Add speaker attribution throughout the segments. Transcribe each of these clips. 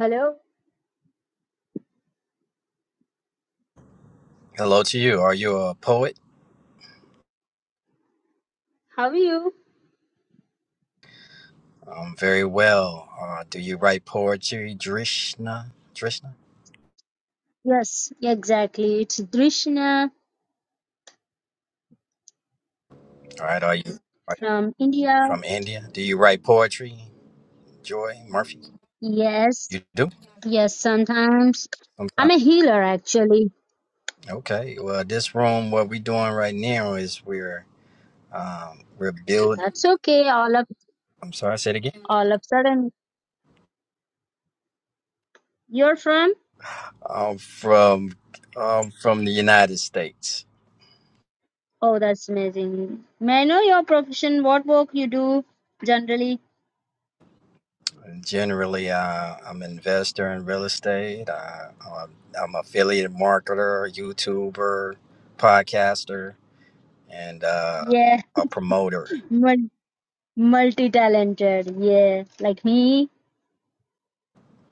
Speaker 1: Hello,
Speaker 2: Hello to you. Are you a poet?
Speaker 1: how are you?
Speaker 2: Um, very well. Uh, do you write poetry, Drishna? Drishna.
Speaker 1: Yes, exactly. It's Drishna
Speaker 2: All right. Are you are you
Speaker 1: from India.
Speaker 2: from India? Do you write poetry, Joy Murphy?
Speaker 1: Yes,
Speaker 2: You do.
Speaker 1: yes, sometimes I'm
Speaker 2: Sometimes.
Speaker 1: a healer actually.
Speaker 2: Okay. Well, this room, what we're doing right now is we're um, we're building.
Speaker 1: That's okay. All of
Speaker 2: I'm sorry. Say it again.
Speaker 1: all of sudden you're from?
Speaker 2: Um, from um, from the United States.
Speaker 1: Oh, that's amazing. May I know your profession? What work you do generally?
Speaker 2: Generally, uh, I'm an investor in real estate. Uh, I'm, I'm affiliate marketer, YouTuber, podcaster, and uh,
Speaker 1: Yeah,
Speaker 2: a promoter.
Speaker 1: mul- multi-talented. Yeah, like me.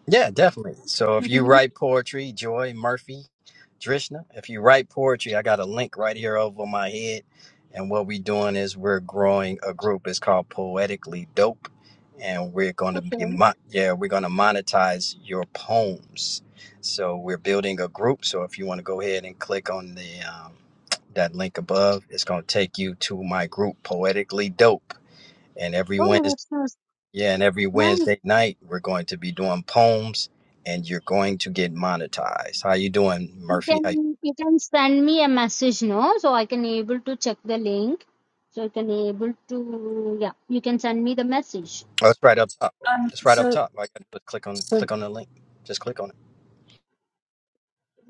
Speaker 2: Yeah, definitely. So if you
Speaker 1: Mm-hmm.
Speaker 2: write poetry, Joy Murphy, Drishna, if you write poetry, I got a link right here over my head. And what we're doing is we're growing a group. It's called Poetically Dope. And we're going to be,
Speaker 1: Okay.
Speaker 2: mo- yeah, we're going to monetize your poems. So we're building a group. So if you want to go ahead and click on the, um, that link above, it's going to take you to my group, Poetically Dope. And every
Speaker 1: Oh,
Speaker 2: Wednesday,
Speaker 1: that's nice.
Speaker 2: yeah, and every
Speaker 1: Nice.
Speaker 2: Wednesday night we're going to be doing poems, and you're going to get monetized. How you doing,
Speaker 1: You
Speaker 2: Murphy? How you-
Speaker 1: can you can send me a message no so I can able to check the link so I can able to yeah you can send me the message
Speaker 2: oh, it's right up top.
Speaker 3: Um,
Speaker 2: It's right up
Speaker 3: so,
Speaker 2: top. All I gotta do is click on
Speaker 3: so,
Speaker 2: click on the link. Just click on it.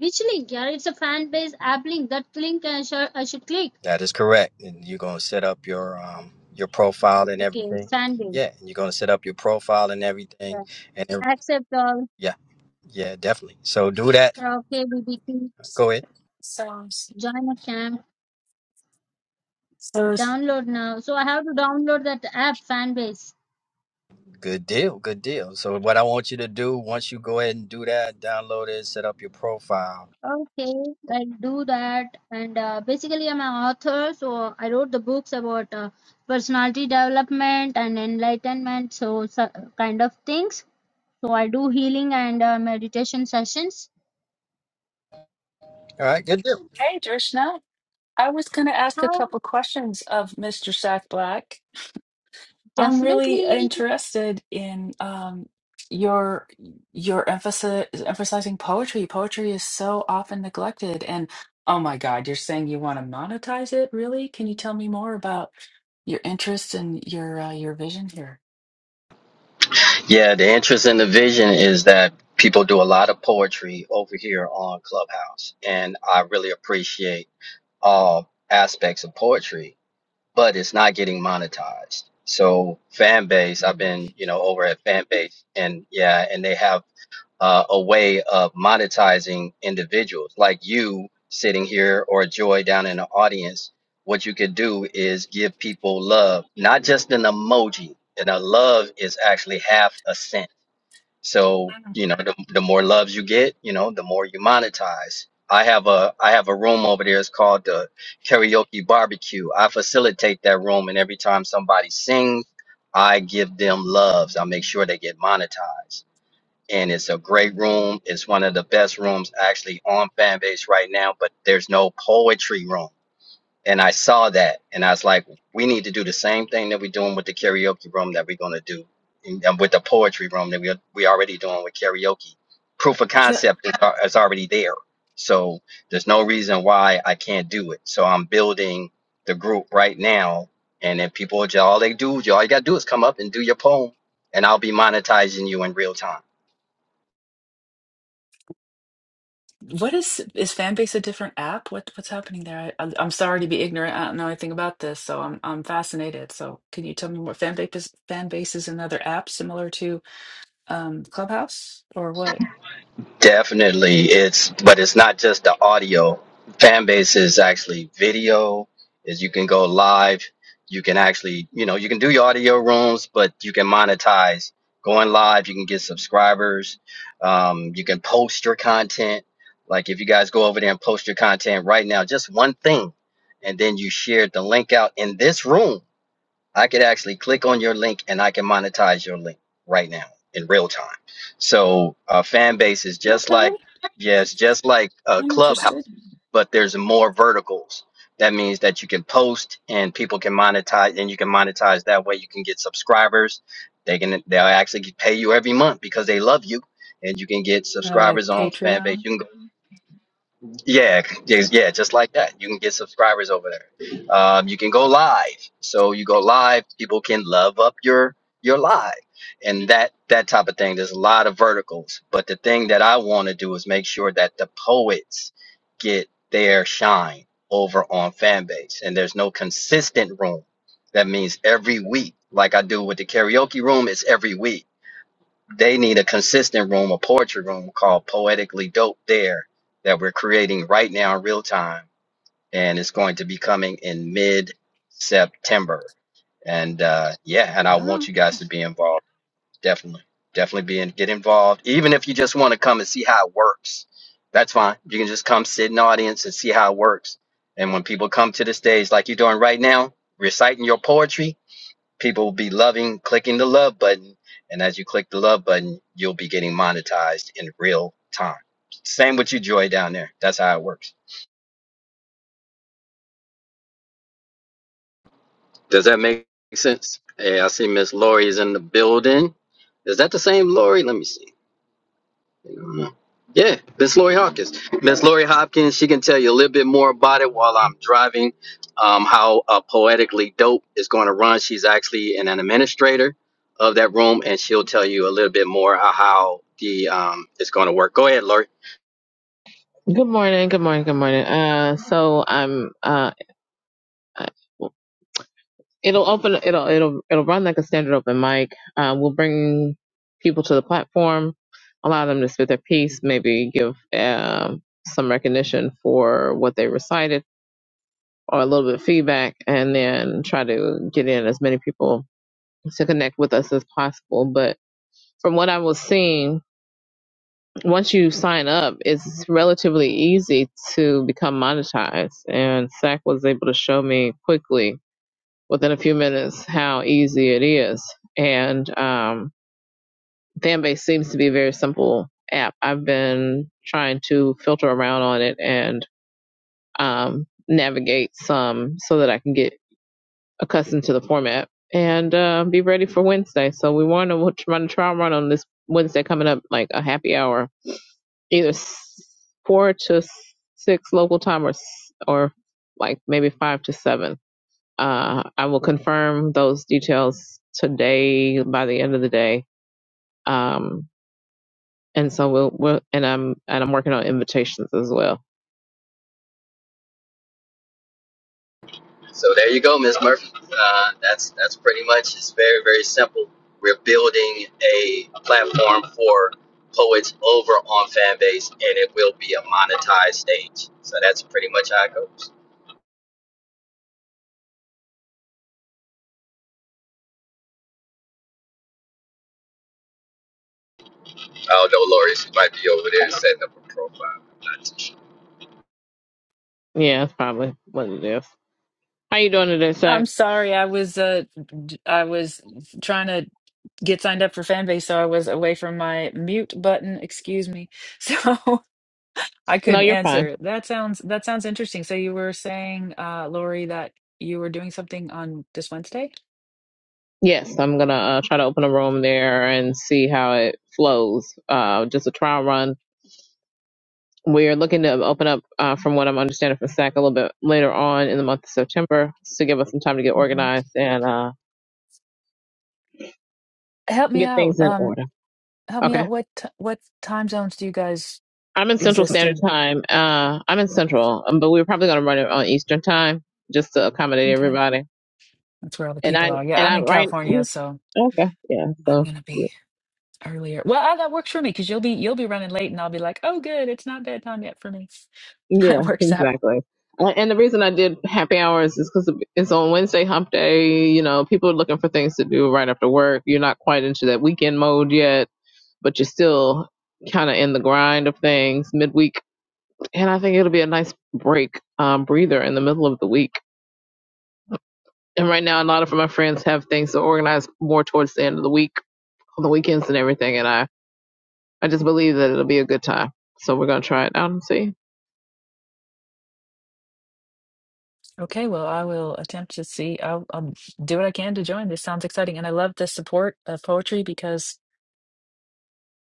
Speaker 1: which link yeah it's a fan base app link that link I should I should click
Speaker 2: That is correct. And you're gonna set up your um your profile and
Speaker 1: okay
Speaker 2: everything.
Speaker 1: fan base
Speaker 2: Yeah, and you're gonna set up your profile and everything.
Speaker 1: yeah.
Speaker 2: And it-
Speaker 1: accept all
Speaker 2: yeah, yeah, definitely. So do that.
Speaker 1: karaoke BBQ
Speaker 2: Go ahead.
Speaker 3: so,
Speaker 1: join a camp
Speaker 3: so,
Speaker 1: download now so I have to download that app fan base
Speaker 2: Good deal. Good deal. So what I want you to do once you go ahead and do that, download it, set up your profile.
Speaker 1: Okay, I do that. And uh, basically, I'm an author, so I wrote the books about uh, personality development and enlightenment, so, so kind of things. So I do healing and uh, meditation sessions.
Speaker 2: All right. Good deal.
Speaker 3: hey, Drishna, I was going to ask a
Speaker 1: How
Speaker 3: couple questions of Mr. Sack Black. I'm really
Speaker 1: definitely
Speaker 3: interested in um, your your emphasis emphasizing poetry. Poetry is so often neglected, and oh my God, you're saying you want to monetize it, really? Can you tell me more about your interest and your uh, your vision here?
Speaker 2: Yeah, the interest in the vision is that people do a lot of poetry over here on Clubhouse, and I really appreciate all aspects of poetry, but it's not getting monetized. So fan base, I've
Speaker 3: Mm.
Speaker 2: been, you know, over at fan base, and yeah, and they have uh, a way of monetizing individuals like you sitting here or Joy down in the audience. What you could do is give people love, not just an emoji. And a love is actually half a cent so, you know, the, the more loves you get, you know, the more you monetize. I have a I have a room over there. It's called the karaoke barbecue. I facilitate that room, and every time somebody sings, I give them loves. I make sure they get monetized. And it's a great room. It's one of the best rooms actually on Fanbase right now. But there's no poetry room and I saw that, and I was like, we need to do the same thing that we're doing with the karaoke room that we're gonna do, and and with the poetry room that we are- we already doing with karaoke. Proof of
Speaker 3: So,
Speaker 2: concept is, al- is already there, so there's no reason why I can't do it. So I'm building the group right now, and then people, all they do, all you gotta do is come up and do your poem, and I'll be monetizing you in real time.
Speaker 3: What is is Fanbase a different app? What what's happening there? I, I'm I'm sorry to be ignorant. I don't know anything about this, so I'm I'm fascinated. So can you tell me what Fanbase is, Fanbase is another app similar to um Clubhouse or what?
Speaker 2: Definitely, it's but it's not just the audio. Fan base is actually video. Is you can go live. You can actually, you know, you can do your audio rooms, but you can monetize going live. You can get subscribers. Um, you can post your content. Like if you guys go over there and post your content right now, just one thing, and then you share the link out in this room. I could actually click on your link and I can monetize your link right now in real time. So uh, fan base is just like
Speaker 3: Okay,
Speaker 2: yes, just like uh,
Speaker 3: I'm
Speaker 2: Clubhouse,
Speaker 3: interested.
Speaker 2: but there's more verticals. That means that you can post and people can monetize, and you can monetize that way. You can get subscribers. They can they'll actually pay you every month because they love you, and you can get
Speaker 3: Uh, like
Speaker 2: subscribers on fan base.
Speaker 3: Patreon?
Speaker 2: You can go yeah, yes, yeah, just like that. You can get subscribers over there. Um, you can go live. So you go live, people can love up your your live and that that type of thing. There's a lot of verticals, but the thing that I want to do is make sure that the poets get their shine over on Fanbase. And there's no consistent room. That means every week, like I do with the karaoke room, it's every week they need a consistent room, a poetry room called Poetically Dope There that we're creating right now in real time. And it's going to be coming in mid September. And uh, yeah, and I
Speaker 3: No.
Speaker 2: want you guys to be involved. Definitely. Definitely be in, get involved. Even if you just want to come and see how it works, that's fine. You can just come sit in the audience and see how it works. And when people come to the stage like you're doing right now, reciting your poetry, people will be loving clicking the love button and as you click the love button you'll be getting monetized in real time same with you joy down there that's how it works does that make sense hey i see miss lori is in the building is that the same lori let me see Yeah, Miss Lori Hopkins. Miss Lori Hopkins, she can tell you a little bit more about it while I'm driving, um, how uh, poetically dope is going to run. She's actually an, an administrator of that room, and she'll tell you a little bit more of how the um, it's going to work. Go ahead, Lori.
Speaker 4: Good morning. Good morning. Good morning. Uh, so I'm uh, it'll open. It'll it'll it'll run like a standard open mic. Uh, we'll bring people to the platform, allow them to spit their piece, maybe give um some recognition for what they recited or a little bit of feedback, and then try to get in as many people to connect with us as possible. But from what I was seeing, once you sign up, it's relatively easy to become monetized. And SAC was able to show me quickly, within a few minutes, how easy it is. And um, Fanbase seems to be a very simple app. I've been trying to filter around on it and um, navigate some so that I can get accustomed to the format and uh, be ready for Wednesday. So we want to try to try and run on this Wednesday coming up, like a happy hour either s- four to s- six local time or s- or like maybe five to seven. Uh, I will confirm those details today by the end of the day. Um, and so we'll, we'll and I'm and I'm working on invitations as well.
Speaker 2: So there you go, Miss Murphy. Uh, that's that's pretty much. It's very very simple. We're building a platform for poets over on Fanbase, and it will be a monetized stage. So that's pretty much how it goes. I don't know, Lori. She might be over there setting up a profile.
Speaker 4: Yeah, that's probably what it is. How you doing today,
Speaker 3: I'm
Speaker 4: Zach?
Speaker 3: sorry. I was uh d- I was trying to get signed up for Fanbase, so I was away from my mute button. Excuse me. So I
Speaker 4: No,
Speaker 3: couldn't
Speaker 4: you're fine.
Speaker 3: answer. That sounds that sounds interesting. So you were saying, uh, Lori, that you were doing something on this Wednesday?
Speaker 4: Yes, I'm gonna uh, try to open a room there and see how it flows. Uh, just a trial run We're looking to open up, uh, from what I'm understanding from SAC, a little bit later on in the month of September to give us some time to get
Speaker 3: hmm
Speaker 4: organized and uh,
Speaker 3: Help me
Speaker 4: get
Speaker 3: out.
Speaker 4: things in
Speaker 3: Um,
Speaker 4: order.
Speaker 3: help me out.
Speaker 4: Okay.
Speaker 3: What t- what time zones do you guys
Speaker 4: I'm in Central
Speaker 3: exist
Speaker 4: Standard
Speaker 3: in?
Speaker 4: Time. Uh, I'm in Central, um, but we're probably going to run it on Eastern Time just to accommodate
Speaker 3: Okay.
Speaker 4: everybody.
Speaker 3: That's where all the
Speaker 4: And
Speaker 3: people
Speaker 4: I
Speaker 3: are. Yeah,
Speaker 4: and
Speaker 3: I'm
Speaker 4: I
Speaker 3: in
Speaker 4: right
Speaker 3: California, so
Speaker 4: okay yeah
Speaker 3: I'm
Speaker 4: so
Speaker 3: gonna be earlier. Well, uh, that works for me because you'll be you'll be running late, and I'll be like, oh, good, it's not bedtime yet for me. That
Speaker 4: yeah
Speaker 3: works out.
Speaker 4: exactly. Uh, And the reason I did happy hours is because it's on Wednesday Hump Day. You know, people are looking for things to do right after work. You're not quite into that weekend mode yet but you're still kind of in the grind of things midweek. And I think it'll be a nice break, um, breather in the middle of the week. And right now, a lot of my friends have things to organize more towards the end of the week, on the weekends and everything. And I, I just believe that it'll be a good time. So we're going to try it out and see.
Speaker 3: Okay, well, I will attempt to see. I'll, I'll do what I can to join. This sounds exciting. And I love the support of poetry because,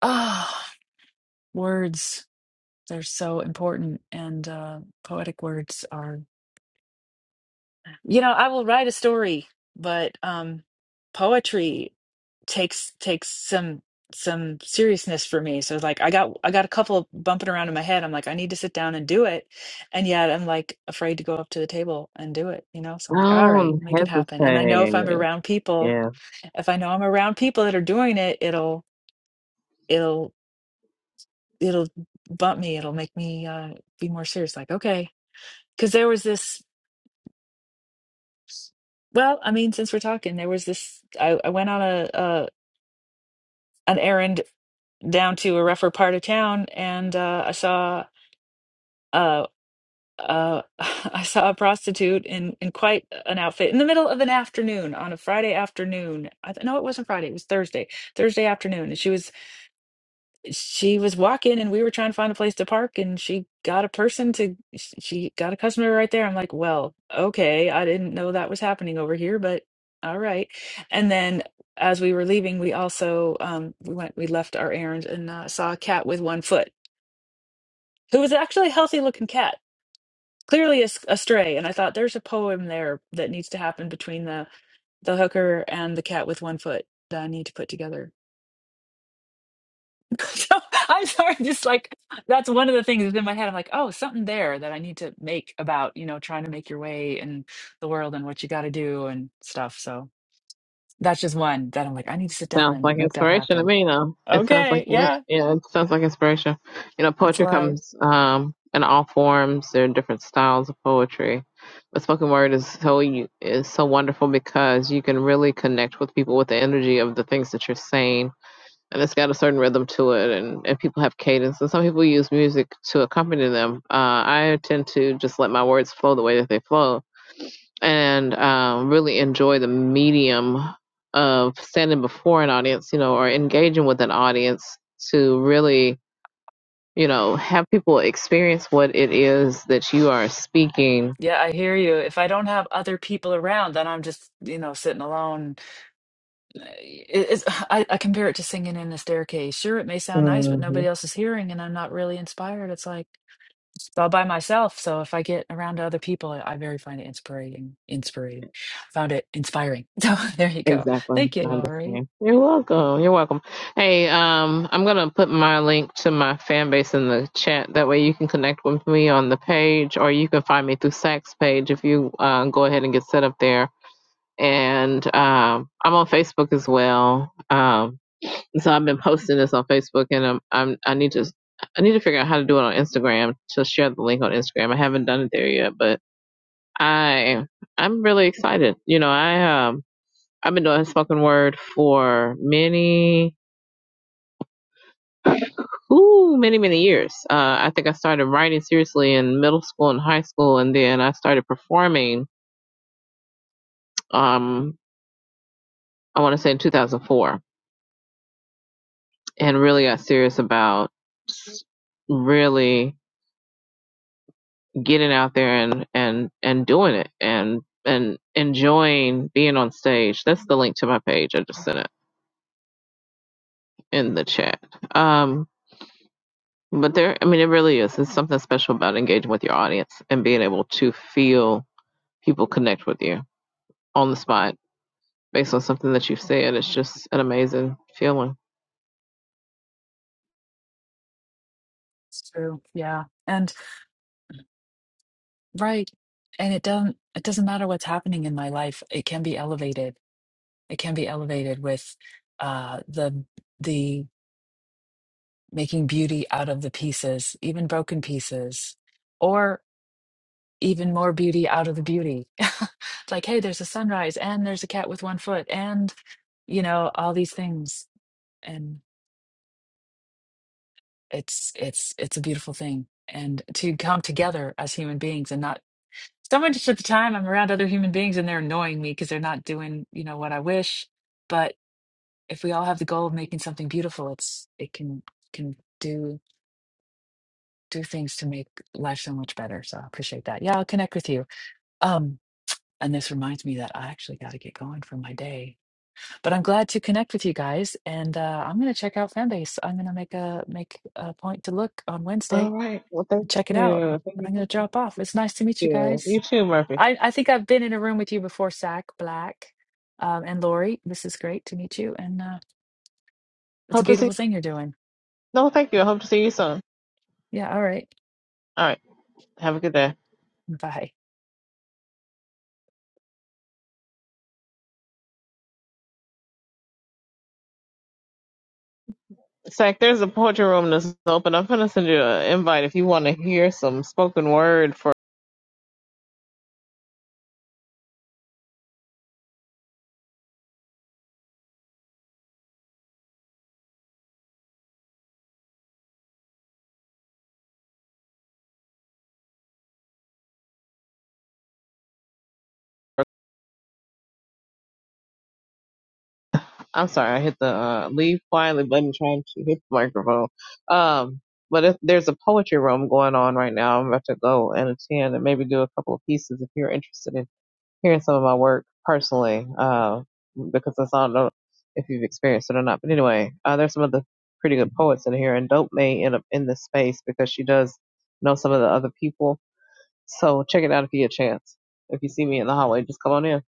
Speaker 3: ah, words, they're so important. And uh, poetic words are. You know, I will write a story, but um, poetry takes takes some some seriousness for me. So like I got I got a couple of bumping around in my head. I'm like, I need to sit down and do it. And yet I'm like afraid to go up to the table and do it, you know? So I'm like, all right,
Speaker 4: Don't
Speaker 3: make it happen. And I know if I'm
Speaker 4: hesitate.
Speaker 3: around people,
Speaker 4: Yeah.
Speaker 3: if I know I'm around people that are doing it, it'll it'll it'll bump me. It'll make me uh be more serious. Like, okay. Because there was this well, I mean, since we're talking, there was this I, I went on a, an errand down to a rougher part of town, and uh, I saw uh, uh, I saw a prostitute in in quite an outfit in the middle of an afternoon on a Friday afternoon. I th- no, it wasn't Friday; it was Thursday. Thursday afternoon, and she was she was walking and we were trying to find a place to park and she got a person to sh- she got a customer right there. I'm like, well, okay, I didn't know that was happening over here, but all right. And then as we were leaving, we also um we went we left our errands and uh, saw a cat with one foot who was actually a healthy looking cat, clearly a, s- a stray. And I thought there's a poem there that needs to happen between the the hooker and the cat with one foot that I need to put together. So I'm sorry, just like that's one of the things that's in my head. I'm like, oh, something there that I need to make about, you know, trying to make your way in the world and what you got to do and stuff. So that's just one that I'm like, I need to sit down
Speaker 4: Sounds
Speaker 3: and
Speaker 4: like
Speaker 3: make that
Speaker 4: inspiration to
Speaker 3: happen.
Speaker 4: me, you know. It sounds like
Speaker 3: Okay.
Speaker 4: what-
Speaker 3: Yeah.
Speaker 4: yeah, it sounds like inspiration. You know,
Speaker 3: That's
Speaker 4: poetry
Speaker 3: life.
Speaker 4: comes um in all forms. There are different styles of poetry, but spoken word is so you is so wonderful because you can really connect with people with the energy of the things that you're saying, and it's got a certain rhythm to it, and and people have cadence, and some people use music to accompany them. Uh, I tend to just let my words flow the way that they flow, and um, really enjoy the medium of standing before an audience, you know, or engaging with an audience to really, you know, have people experience what it is that you are speaking.
Speaker 3: Yeah, I hear you. If I don't have other people around, then I'm just, you know, sitting alone. Uh, It, it's, I, I compare it to singing in the staircase. Sure, it may sound nice, but
Speaker 4: hmm
Speaker 3: nobody else is hearing and I'm not really inspired. It's like, it's all by myself. So if I get around to other people, I I very find it inspiring. Inspiring. Found it inspiring. So there you go.
Speaker 4: Exactly.
Speaker 3: Thank you,
Speaker 4: I
Speaker 3: Lori.
Speaker 4: understand. You're welcome. You're welcome. Hey, um, I'm going to put my link to my fan base in the chat. That way you can connect with me on the page or you can find me through Sack's page if you uh, go ahead and get set up there and um, I'm on Facebook as well. Um, so I've been posting this on Facebook, and I'm, I'm I need to I need to figure out how to do it on Instagram to share the link on Instagram. I haven't done it there yet, but I I'm really excited. You know, I um I've been doing spoken word for many ooh many many years. Uh, I think I started writing seriously in middle school and high school, and then I started performing. Um, I want to say in 2004, and really got serious about really getting out there and and and doing it and and enjoying being on stage that's the link to my page i just sent it in the chat um but there i mean it really is it's something special about engaging with your audience and being able to feel people connect with you on the spot based on something that you've said it's just an amazing feeling
Speaker 3: It's true. Yeah. And right. And it doesn't it doesn't matter what's happening in my life. It can be elevated. It can be elevated with uh the the making beauty out of the pieces, even broken pieces, or even more beauty out of the beauty. It's like, hey, there's a sunrise and there's a cat with one foot and you know all these things and it's it's it's a beautiful thing and to come together as human beings and not so much at the time i'm around other human beings and they're annoying me because they're not doing you know what i wish but if we all have the goal of making something beautiful it's it can can do do things to make life so much better so i appreciate that yeah i'll connect with you um and this reminds me that i actually got to get going for my day but i'm glad to connect with you guys and uh, i'm going to check out fanbase i'm going to make a make a point to look on wednesday
Speaker 4: all right well thank
Speaker 3: check it out.
Speaker 4: you thank
Speaker 3: And
Speaker 4: you
Speaker 3: I'm going
Speaker 4: thank
Speaker 3: to drop off. It's nice to meet you
Speaker 4: you
Speaker 3: guys.
Speaker 4: you too murphy
Speaker 3: I, I think I've been in a room with you before, Sack Black um, and Lori. This is great to meet you. And uh, it's a
Speaker 4: hope to see
Speaker 3: beautiful thing you're doing.
Speaker 4: no thank you i hope to see you soon
Speaker 3: Yeah. All right.
Speaker 4: all right have a good day
Speaker 3: Bye.
Speaker 4: It's like there's a poetry room that's open. I'm gonna send you an invite if you want to hear some spoken word for. I'm sorry, I hit the uh, leave quietly button trying to hit the microphone. Um, but if there's a poetry room going on right now, I'm about to go and attend and maybe do a couple of pieces if you're interested in hearing some of my work personally. Uh, because I don't know if you've experienced it or not. But anyway, uh, there's some other pretty good poets in here, and Dope may end up in this space because she does know some of the other people So check it out if you get a chance. If you see me in the hallway, just come on in.